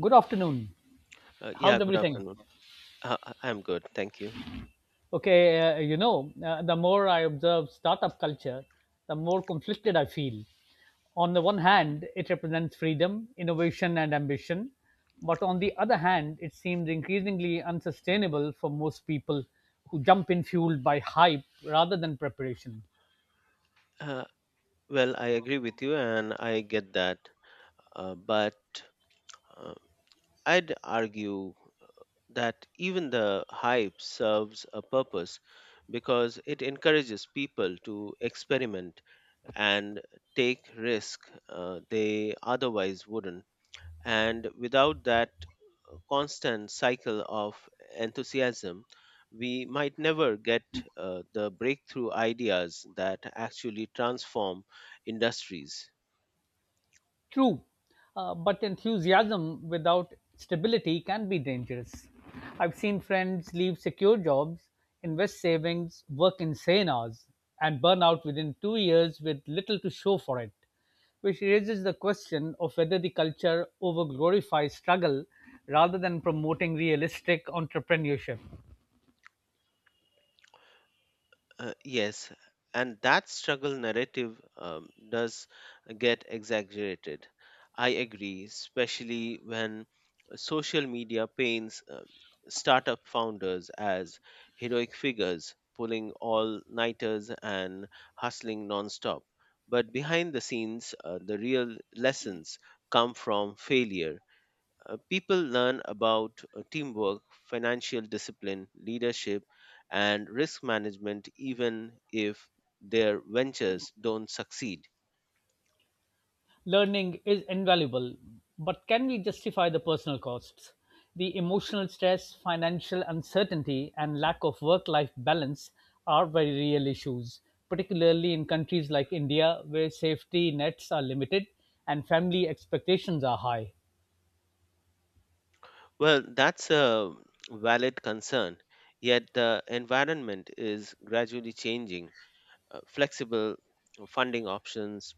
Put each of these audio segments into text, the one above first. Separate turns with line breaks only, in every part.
Good afternoon.
Yeah,
How's
good
everything?
afternoon. I'm good, thank you.
Okay, the more I observe startup culture, the more conflicted I feel. On the one hand, it represents freedom, innovation, and ambition. But on the other hand, it seems increasingly unsustainable for most people who jump in fueled by hype rather than preparation.
Uh, well, I agree with you, and I get that. But uh, I'd argue that even the hype serves a purpose because it encourages people to experiment and take risk they otherwise wouldn't. And without that constant cycle of enthusiasm, we might never get the breakthrough ideas that actually transform industries.
True, but enthusiasm without stability can be dangerous. I've seen friends leave secure jobs, invest savings, work insane hours, and burn out within 2 years with little to show for it, which raises the question of whether the culture over glorifies struggle rather than promoting realistic entrepreneurship.
Yes, and that struggle narrative does get exaggerated. I agree, especially when social media paints startup founders as heroic figures, pulling all nighters and hustling nonstop. But behind the scenes, the real lessons come from failure. People learn about teamwork, financial discipline, leadership, and risk management even if their ventures don't succeed.
Learning is invaluable, but can we justify the personal costs? The emotional stress, financial uncertainty, and lack of work life balance are very real issues, particularly in countries like India, where safety nets are limited and family expectations are high.
Well, that's a valid concern, yet the environment is gradually changing. Flexible funding options,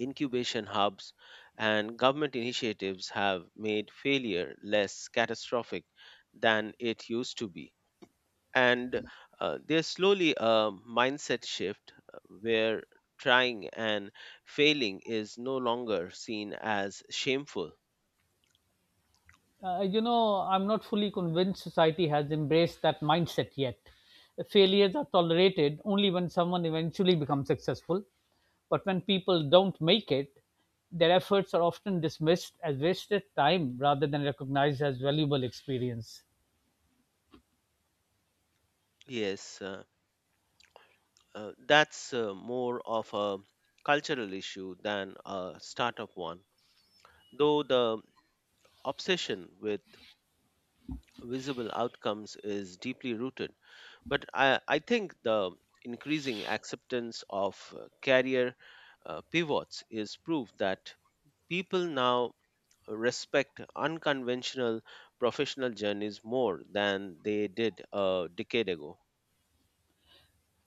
incubation hubs, and government initiatives have made failure less catastrophic than it used to be. And there's slowly a mindset shift where trying and failing is no longer seen as shameful.
I'm not fully convinced society has embraced that mindset yet. Failures are tolerated only when someone eventually becomes successful. But when people don't make it, their efforts are often dismissed as wasted time rather than recognized as valuable experience.
Yes, that's more of a cultural issue than a startup one, though the obsession with visible outcomes is deeply rooted. But I think the increasing acceptance of career pivots is proof that people now respect unconventional professional journeys more than they did a decade ago.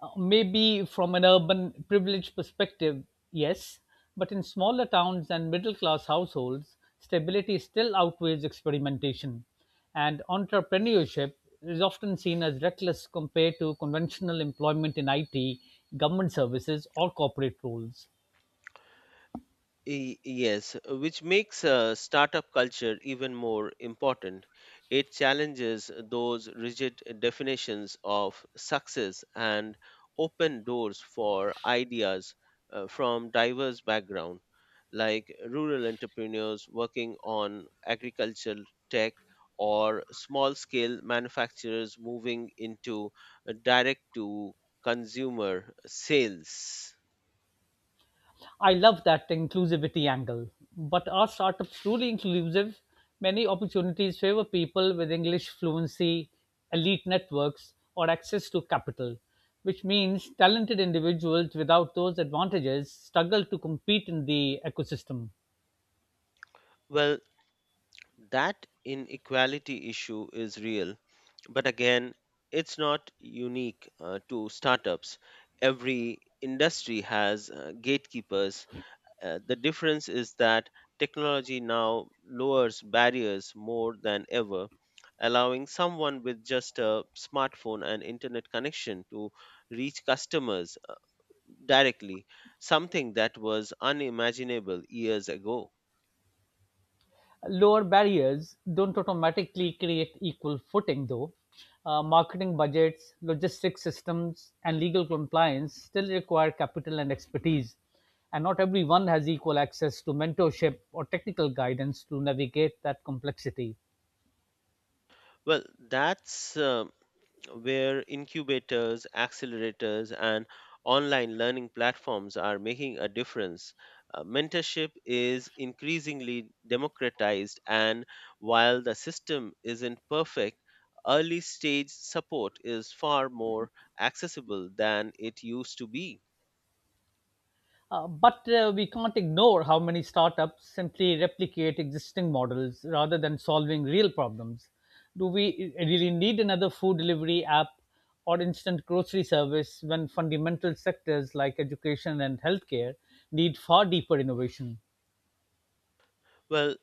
Maybe from an urban privilege perspective, yes, but in smaller towns and middle class households, stability still outweighs experimentation, and entrepreneurship is often seen as reckless compared to conventional employment in IT, government services, or corporate roles.
Yes, which makes startup culture even more important. It challenges those rigid definitions of success and open doors for ideas from diverse backgrounds, like rural entrepreneurs working on agricultural tech or small-scale manufacturers moving into direct-to-consumer sales.
I love that inclusivity angle. But are startups truly inclusive? Many opportunities favor people with English fluency, elite networks, or access to capital, which means talented individuals without those advantages struggle to compete in the ecosystem.
Well, that inequality issue is real, but again, it's not unique to startups. Every industry has gatekeepers. The difference is that technology now lowers barriers more than ever, allowing someone with just a smartphone and internet connection to reach customers directly, something that was unimaginable years ago.
Lower barriers don't automatically create equal footing, though. Marketing budgets, logistics systems, and legal compliance still require capital and expertise, and not everyone has equal access to mentorship or technical guidance to navigate that complexity.
Well, that's where incubators, accelerators, and online learning platforms are making a difference. Mentorship is increasingly democratized, and while the system isn't perfect, early stage support is far more accessible than it used to be.
But we can't ignore how many startups simply replicate existing models rather than solving real problems. Do we really need another food delivery app or instant grocery service when fundamental sectors like education and healthcare need far deeper innovation?
Well,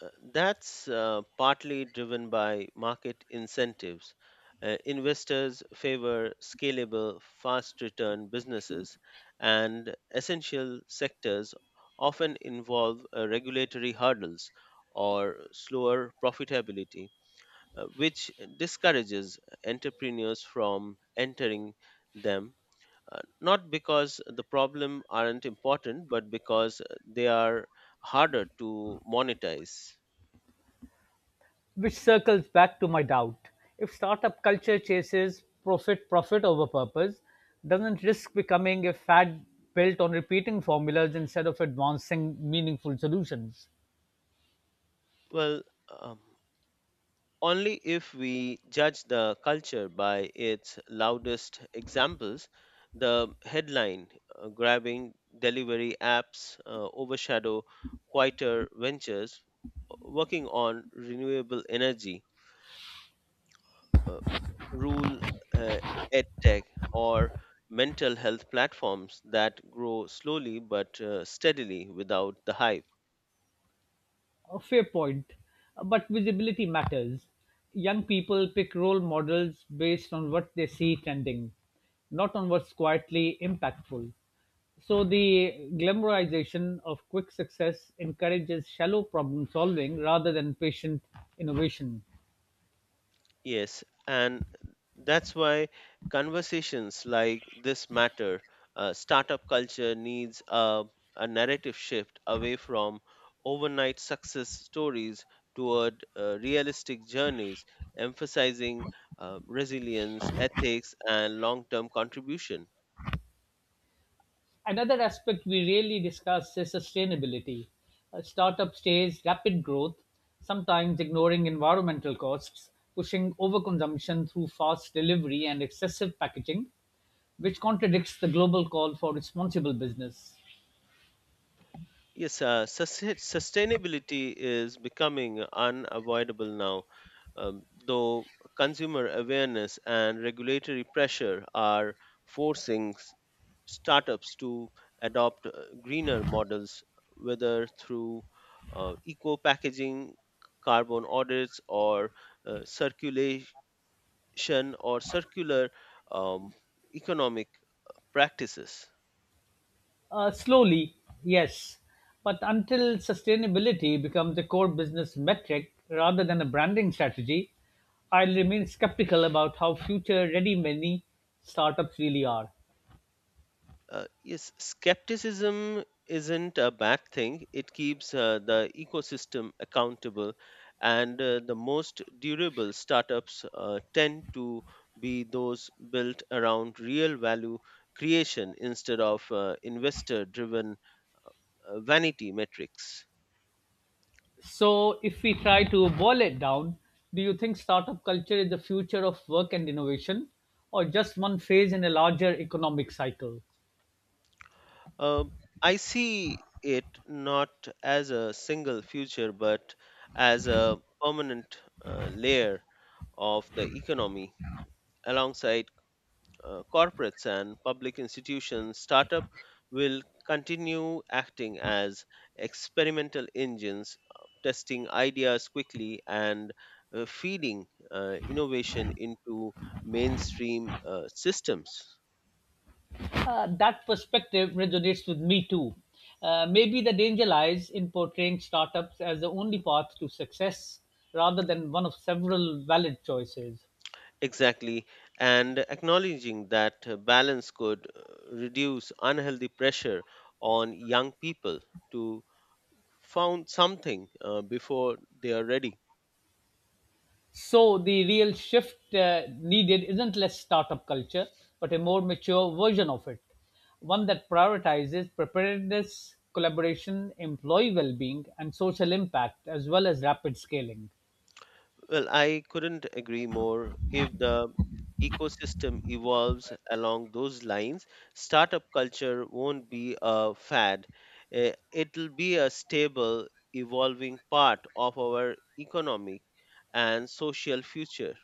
uh, that's uh, partly driven by market incentives. Investors favor scalable, fast return businesses, and essential sectors often involve regulatory hurdles or slower profitability. Which discourages entrepreneurs from entering them, not because the problem aren't important, but because they are harder to monetize.
Which circles back to my doubt. If startup culture chases profit over purpose, doesn't risk becoming a fad built on repeating formulas instead of advancing meaningful solutions?
Well, um, only if we judge the culture by its loudest examples, the headline grabbing delivery apps overshadow quieter ventures working on renewable energy, uh, rule uh, edtech or mental health platforms that grow slowly but steadily without the hype.
A fair point, but visibility matters. Young people pick role models based on what they see trending, not on what's quietly impactful. So the glamorization of quick success encourages shallow problem solving rather than patient innovation.
Yes, and that's why conversations like this matter. Startup culture needs a narrative shift away from overnight success stories toward realistic journeys emphasizing resilience, ethics, and long-term contribution.
Another aspect we rarely discuss is sustainability. A startup stays rapid growth, sometimes ignoring environmental costs, pushing overconsumption through fast delivery and excessive packaging, which contradicts the global call for responsible business.
Yes, sustainability is becoming unavoidable now, though consumer awareness and regulatory pressure are forcing startups to adopt greener models, whether through eco packaging, carbon audits, or circulation or circular um, economic practices.
Slowly, yes, but until sustainability becomes a core business metric rather than a branding strategy, I'll remain skeptical about how future ready many startups really are.
Yes, skepticism isn't a bad thing. It keeps the ecosystem accountable, and the most durable startups tend to be those built around real value creation instead of investor driven vanity metrics.
So, if we try to boil it down, do you think startup culture is the future of work and innovation, or just one phase in a larger economic cycle?
Um, I see it not as a single future, but as a permanent layer of the economy alongside corporates and public institutions. Startup will continue acting as experimental engines, testing ideas quickly and feeding innovation into mainstream systems.
That perspective resonates with me too. Maybe the danger lies in portraying startups as the only path to success rather than one of several valid choices.
Exactly, and acknowledging that balance could reduce unhealthy pressure on young people to found something before they are ready.
So the real shift needed isn't less startup culture, but a more mature version of it, one that prioritizes preparedness, collaboration, employee well-being, and social impact, as well as rapid scaling.
Well, I couldn't agree more. If the ecosystem evolves along those lines, startup culture won't be a fad. It'll be a stable, evolving part of our economic and social future.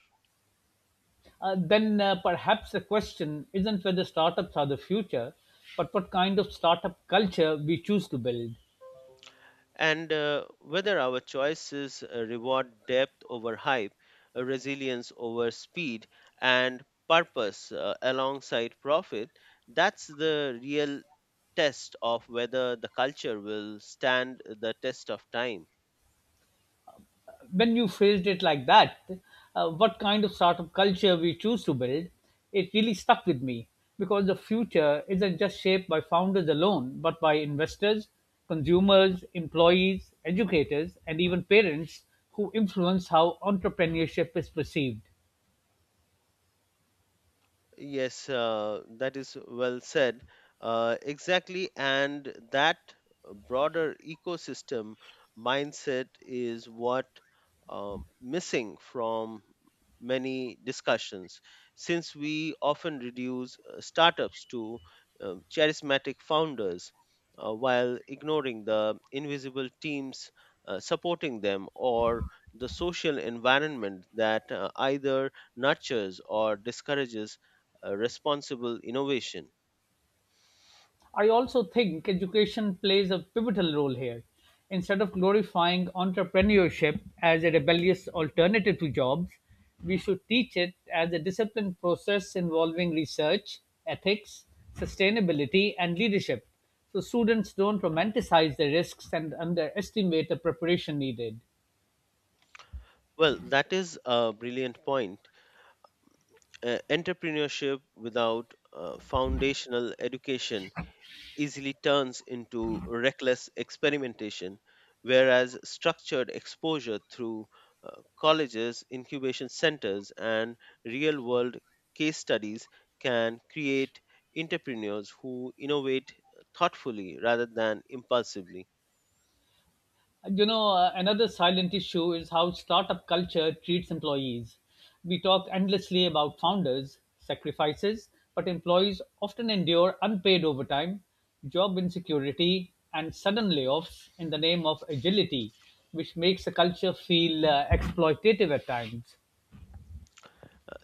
Then perhaps the question isn't whether startups are the future, but what kind of startup culture we choose to build.
And whether our choices reward depth over hype, resilience over speed, and purpose alongside profit, that's the real test of whether the culture will stand the test of time.
When you phrased it like that, what kind of startup culture we choose to build, it really stuck with me because the future isn't just shaped by founders alone, but by investors, consumers, employees, educators, and even parents who influence how entrepreneurship is perceived.
Yes, that is well said. Exactly, and that broader ecosystem mindset is what missing from many discussions, since we often reduce startups to charismatic founders while ignoring the invisible teams supporting them or the social environment that either nurtures or discourages responsible innovation.
I also think education plays a pivotal role here. Instead of glorifying entrepreneurship as a rebellious alternative to jobs, we should teach it as a disciplined process involving research, ethics, sustainability, and leadership so students don't romanticize the risks and underestimate the preparation needed.
Well, that is a brilliant point. Entrepreneurship without foundational education easily turns into reckless experimentation, whereas structured exposure through colleges, incubation centers, and real world case studies can create entrepreneurs who innovate thoughtfully rather than impulsively.
Another silent issue is how startup culture treats employees. We talk endlessly about founders' sacrifices, but employees often endure unpaid overtime, job insecurity, and sudden layoffs in the name of agility, which makes the culture feel exploitative at times.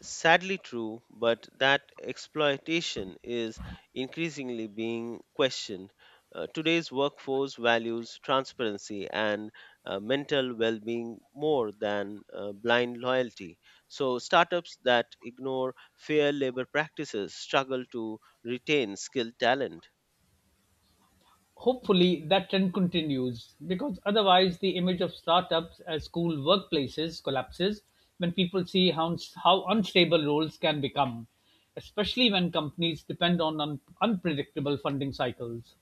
Sadly true, but that exploitation is increasingly being questioned. Today's workforce values transparency and mental well being more than blind loyalty. So, startups that ignore fair labor practices struggle to retain skilled talent.
Hopefully, that trend continues because otherwise, the image of startups as cool workplaces collapses when people see how unstable roles can become, especially when companies depend on unpredictable funding cycles.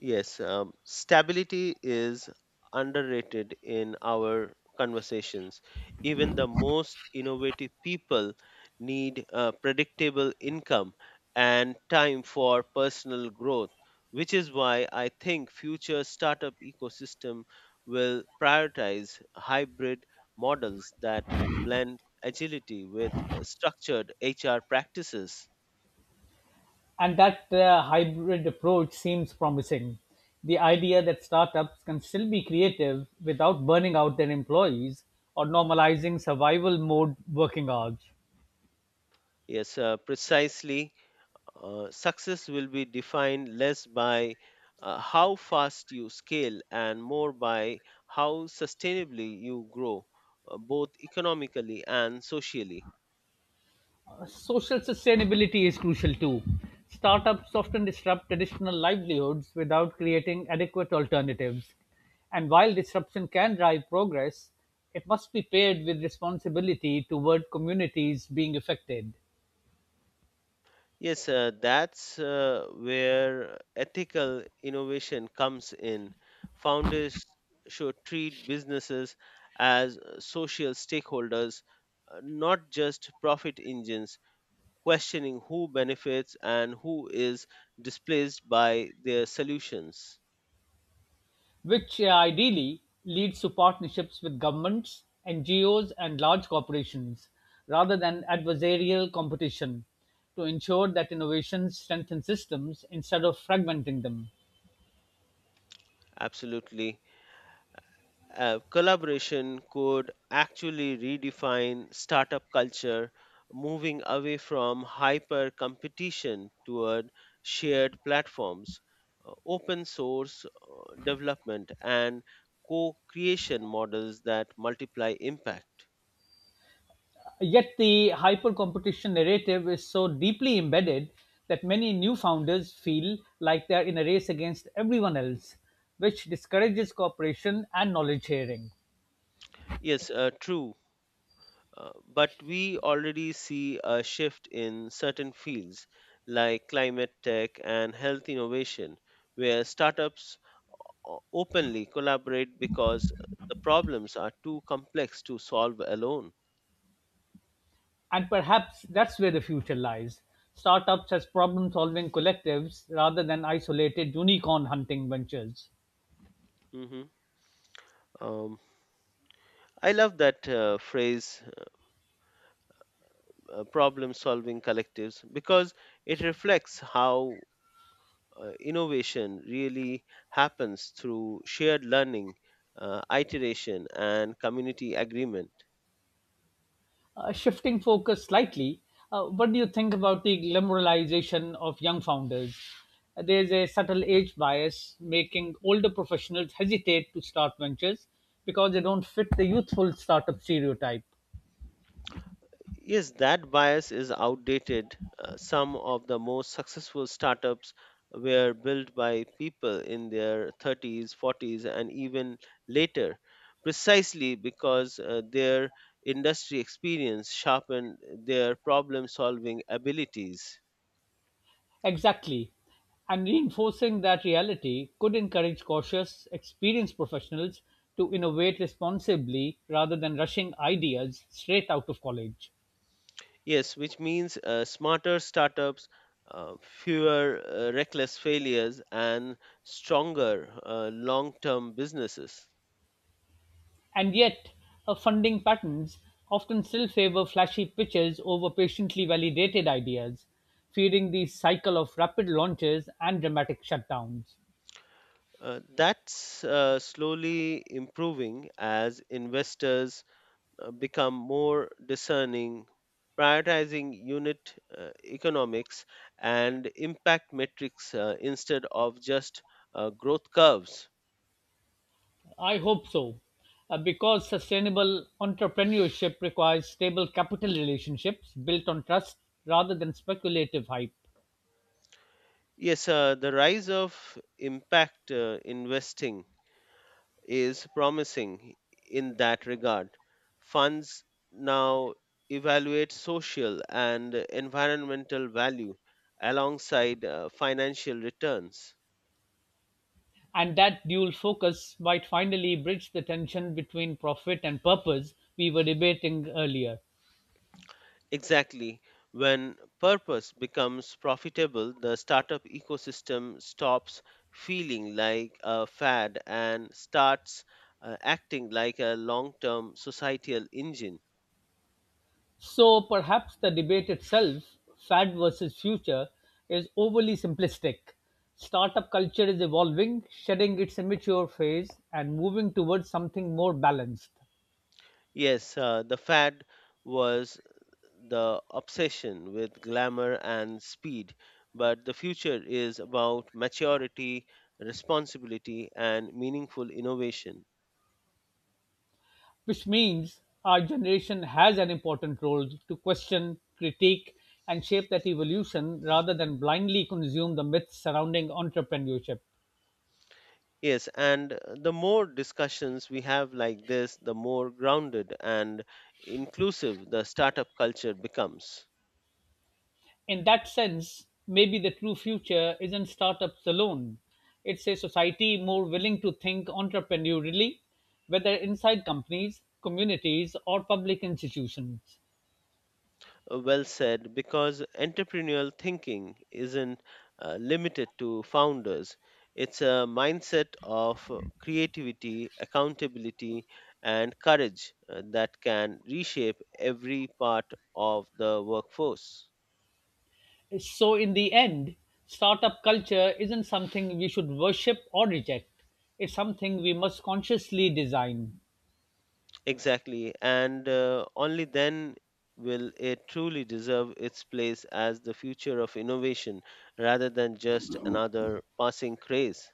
Yes, stability is underrated in our conversations. Even the most innovative people need predictable income and time for personal growth, which is why I think future startup ecosystem will prioritize hybrid models that blend agility with structured HR practices.
And that hybrid approach seems promising. The idea that startups can still be creative without burning out their employees or normalizing survival mode working hours.
Yes, precisely. Success will be defined less by how fast you scale and more by how sustainably you grow, both economically and socially.
Social sustainability is crucial too. Startups often disrupt traditional livelihoods without creating adequate alternatives. And while disruption can drive progress, it must be paired with responsibility toward communities being affected,
Yes, that's where ethical innovation comes in. Founders should treat businesses as social stakeholders, not just profit engines, questioning who benefits and who is displaced by their solutions.
which ideally leads to partnerships with governments, NGOs, and large corporations, rather than adversarial competition, to ensure that innovations strengthen systems instead of fragmenting them.
Absolutely. Collaboration could actually redefine startup culture, moving away from hyper competition toward shared platforms, open source development, and co creation models that multiply impact.
Yet the hyper competition narrative is so deeply embedded that many new founders feel like they're in a race against everyone else, which discourages cooperation and knowledge sharing.
Yes, true, but we already see a shift in certain fields like climate tech and health innovation, where startups openly collaborate because the problems are too complex to solve alone.
And perhaps that's where the future lies startups as problem solving collectives rather than isolated unicorn hunting ventures.
Mhm. Um, I love that phrase, problem solving collectives, because it reflects how innovation really happens through shared learning, iteration, and community agreement.
Shifting focus slightly, what do you think about the glamorization of young founders? There's a subtle age bias making older professionals hesitate to start ventures because they don't fit the youthful startup stereotype.
Yes, that bias is outdated. Some of the most successful startups were built by people in their 30s, 40s, and even later, precisely because their industry experience sharpened their problem solving abilities.
Exactly. And reinforcing that reality could encourage cautious, experienced professionals to innovate responsibly rather than rushing ideas straight out of college.
Yes, which means smarter startups, uh, fewer reckless failures, and stronger long term businesses.
And yet, her funding patterns often still favor flashy pitches over patiently validated ideas, feeding the cycle of rapid launches and dramatic shutdowns.
That's slowly improving as investors become more discerning, prioritizing unit economics and impact metrics instead of just growth curves.
I hope so, because sustainable entrepreneurship requires stable capital relationships built on trust rather than speculative hype.
Yes, the rise of impact investing is promising in that regard. Funds now evaluate social and environmental value alongside financial returns.
And that dual focus might finally bridge the tension between profit and purpose we were debating earlier.
Exactly. When purpose becomes profitable, the startup ecosystem stops feeling like a fad and starts acting like a long term societal engine.
So perhaps the debate itself, fad versus future, is overly simplistic. Startup culture is evolving, shedding its immature phase and moving towards something more balanced,
Yes, the fad was the obsession with glamour and speed, but the future is about maturity, responsibility, and meaningful innovation.
which means our generation has an important role to question, critique, and shape that evolution rather than blindly consume the myths surrounding entrepreneurship.
Yes, and the more discussions we have like this, the more grounded and inclusive the startup culture becomes.
In that sense, maybe the true future isn't startups alone. It's a society more willing to think entrepreneurially, whether inside companies, communities, or public institutions.
Well said, because entrepreneurial thinking isn't limited to founders. It's a mindset of creativity, accountability, and courage that can reshape every part of the workforce.
So, in the end, startup culture isn't something we should worship or reject. It's something we must consciously design.
Exactly, and only then will it truly deserve its place as the future of innovation rather than just another passing craze.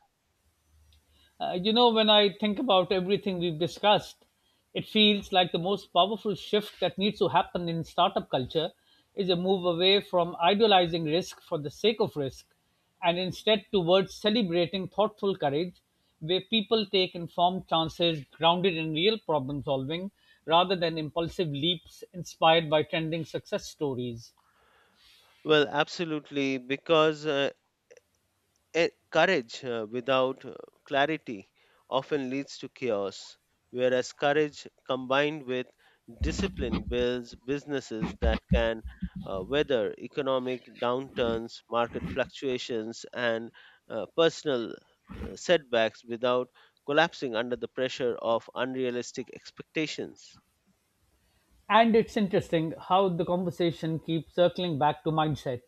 When I think about everything we've discussed, it feels like the most powerful shift that needs to happen in startup culture is a move away from idealizing risk for the sake of risk and instead towards celebrating thoughtful courage where people take informed chances grounded in real problem solving rather than impulsive leaps inspired by trending success stories.
Well, absolutely because E- courage without clarity often leads to chaos, whereas courage combined with discipline builds businesses that can weather economic downturns, market fluctuations, and personal setbacks without collapsing under the pressure of unrealistic expectations.
And it's interesting how the conversation keeps circling back to mindset,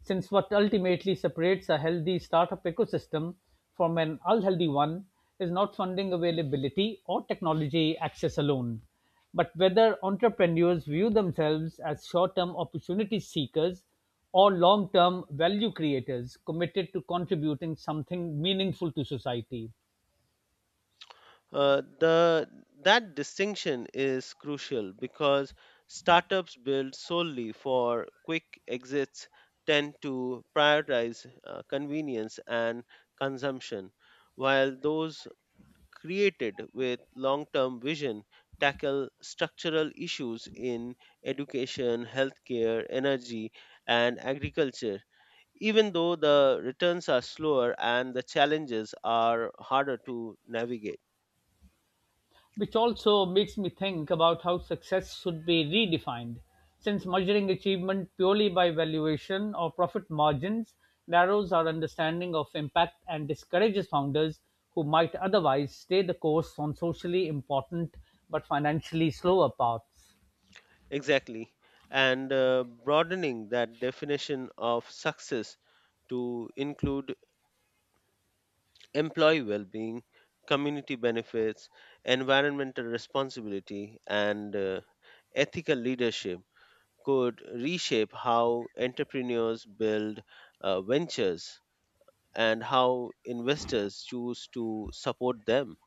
since what ultimately separates a healthy startup ecosystem from an unhealthy one is not funding availability or technology access alone, but whether entrepreneurs view themselves as short term opportunity seekers or long term value creators committed to contributing something meaningful to society.
The that distinction is crucial because startups built solely for quick exits tend to prioritize convenience and consumption, while those created with long term vision tackle structural issues in education, healthcare, energy, and agriculture, even though the returns are slower and the challenges are harder to navigate.
Which also makes me think about how success should be redefined, since measuring achievement purely by valuation or profit margins narrows our understanding of impact and discourages founders who might otherwise stay the course on socially important but financially slower paths.
Exactly. And broadening that definition of success to include employee well being, community benefits, environmental responsibility, and ethical leadership could reshape how entrepreneurs build ventures and how investors choose to support them.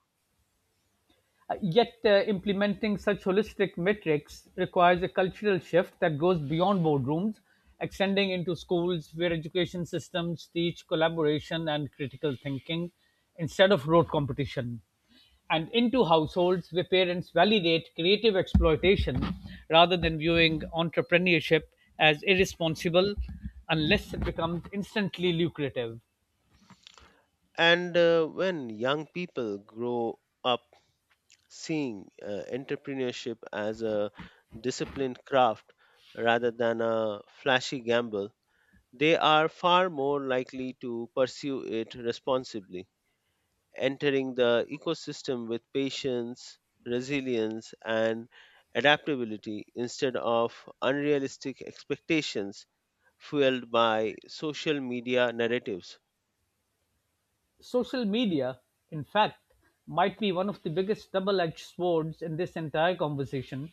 Yet, implementing such holistic metrics requires a cultural shift that goes beyond boardrooms, extending into schools where education systems teach collaboration and critical thinking instead of rote competition, and into households where parents validate creative exploitation rather than viewing entrepreneurship as irresponsible unless it becomes instantly lucrative.
And when young people grow up seeing entrepreneurship as a disciplined craft rather than a flashy gamble, they are far more likely to pursue it responsibly, entering the ecosystem with patience, resilience, and adaptability instead of unrealistic expectations fueled by social media narratives.
Social media, in fact, might be one of the biggest double edged swords in this entire conversation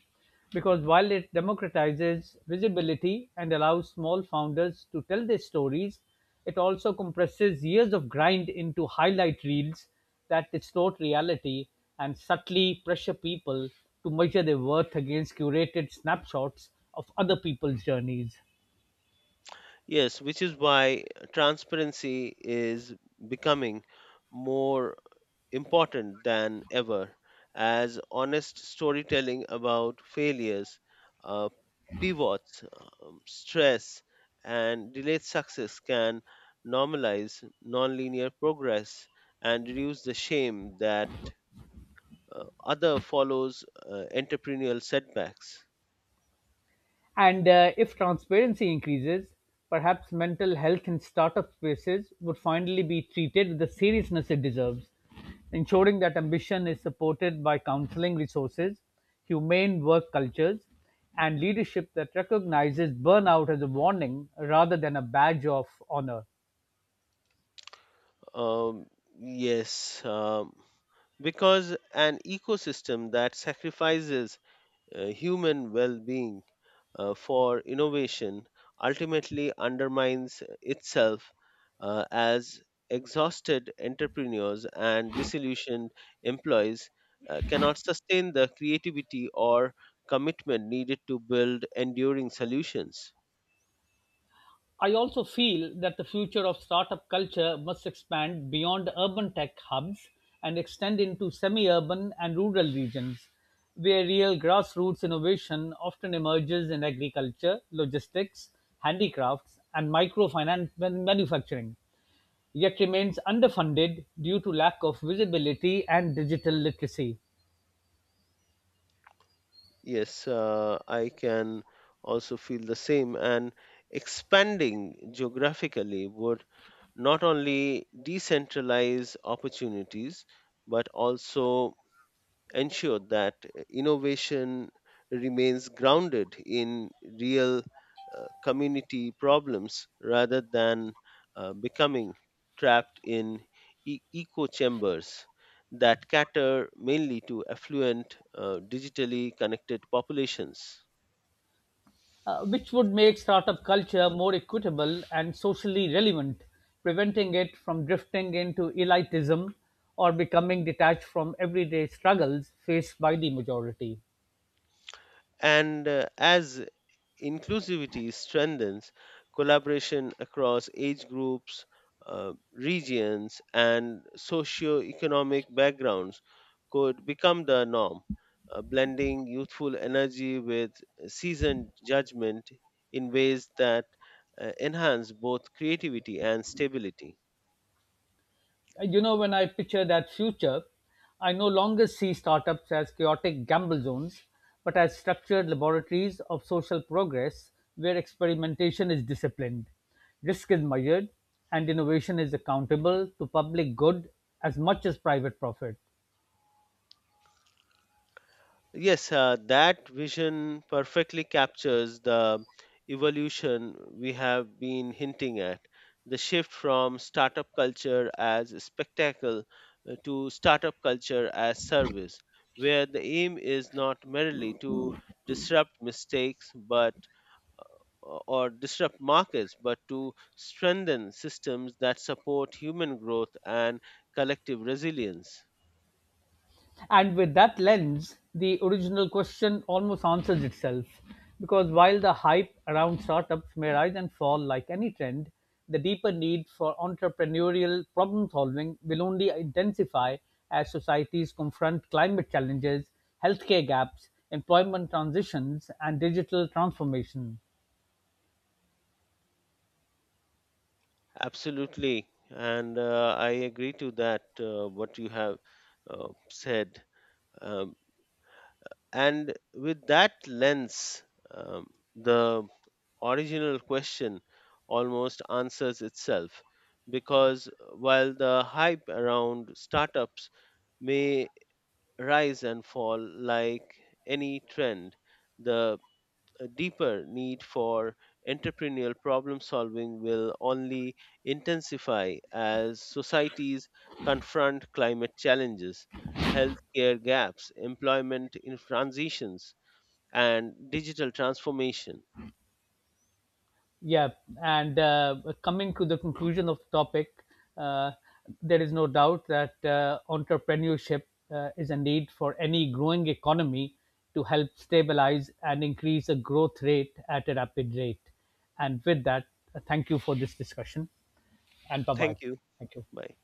because while it democratizes visibility and allows small founders to tell their stories, it also compresses years of grind into highlight reels that distort reality and subtly pressure people to measure their worth against curated snapshots of other people's journeys.
Yes, which is why transparency is becoming more important than ever, as honest storytelling about failures, uh, pivots, stress, and delayed success can normalize nonlinear progress and reduce the shame that other follows entrepreneurial setbacks.
And if transparency increases, perhaps mental health in startup spaces would finally be treated with the seriousness it deserves, ensuring that ambition is supported by counseling resources, humane work cultures, and leadership that recognizes burnout as a warning rather than a badge of honor.
Um, yes, because an ecosystem that sacrifices human well-being for innovation ultimately undermines itself as exhausted entrepreneurs and disillusioned employees cannot sustain the creativity or commitment needed to build enduring solutions.
I also feel that the future of startup culture must expand beyond urban tech hubs and extend into semi urban and rural regions, where real grassroots innovation often emerges in agriculture, logistics, handicrafts, and microfinance manufacturing, yet remains underfunded due to lack of visibility and digital literacy.
Yes, I can also feel the same, and expanding geographically would not only decentralize opportunities but also ensure that innovation remains grounded in real community problems rather than becoming trapped in echo chambers that cater mainly to affluent, digitally connected populations.
Which would make startup culture more equitable and socially relevant, preventing it from drifting into elitism or becoming detached from everyday struggles faced by the majority.
And as inclusivity strengthens, collaboration across age groups, regions, and socio-economic backgrounds could become the norm, blending youthful energy with seasoned judgment in ways that enhance both creativity and stability.
When I picture that future, I no longer see startups as chaotic gamble zones, but as structured laboratories of social progress where experimentation is disciplined, risk is measured, and innovation is accountable to public good as much as private profit.
Yes, that vision perfectly captures the evolution we have been hinting at. The shift from startup culture as a spectacle to startup culture as service, where the aim is not merely to disrupt mistakes but or disrupt markets but to strengthen systems that support human growth and collective resilience.
And with that lens, the original question almost answers itself. Because while the hype around startups may rise and fall like any trend, the deeper need for entrepreneurial problem solving will only intensify as societies confront climate challenges, healthcare gaps, employment transitions, and digital transformation.
Absolutely, and I agree to that. What you have said, um, and with that lens, um, the original question almost answers itself, because while the hype around startups may rise and fall like any trend, the a deeper need for entrepreneurial problem solving will only intensify as societies confront climate challenges, healthcare gaps, employment in transitions, and digital transformation.
Yeah, and coming to the conclusion of the topic, uh, there is no doubt that entrepreneurship is a need for any growing economy to help stabilize and increase the growth rate at a rapid rate. And with that, thank you for this discussion and bye bye.
Thank you.
Thank you.
Bye.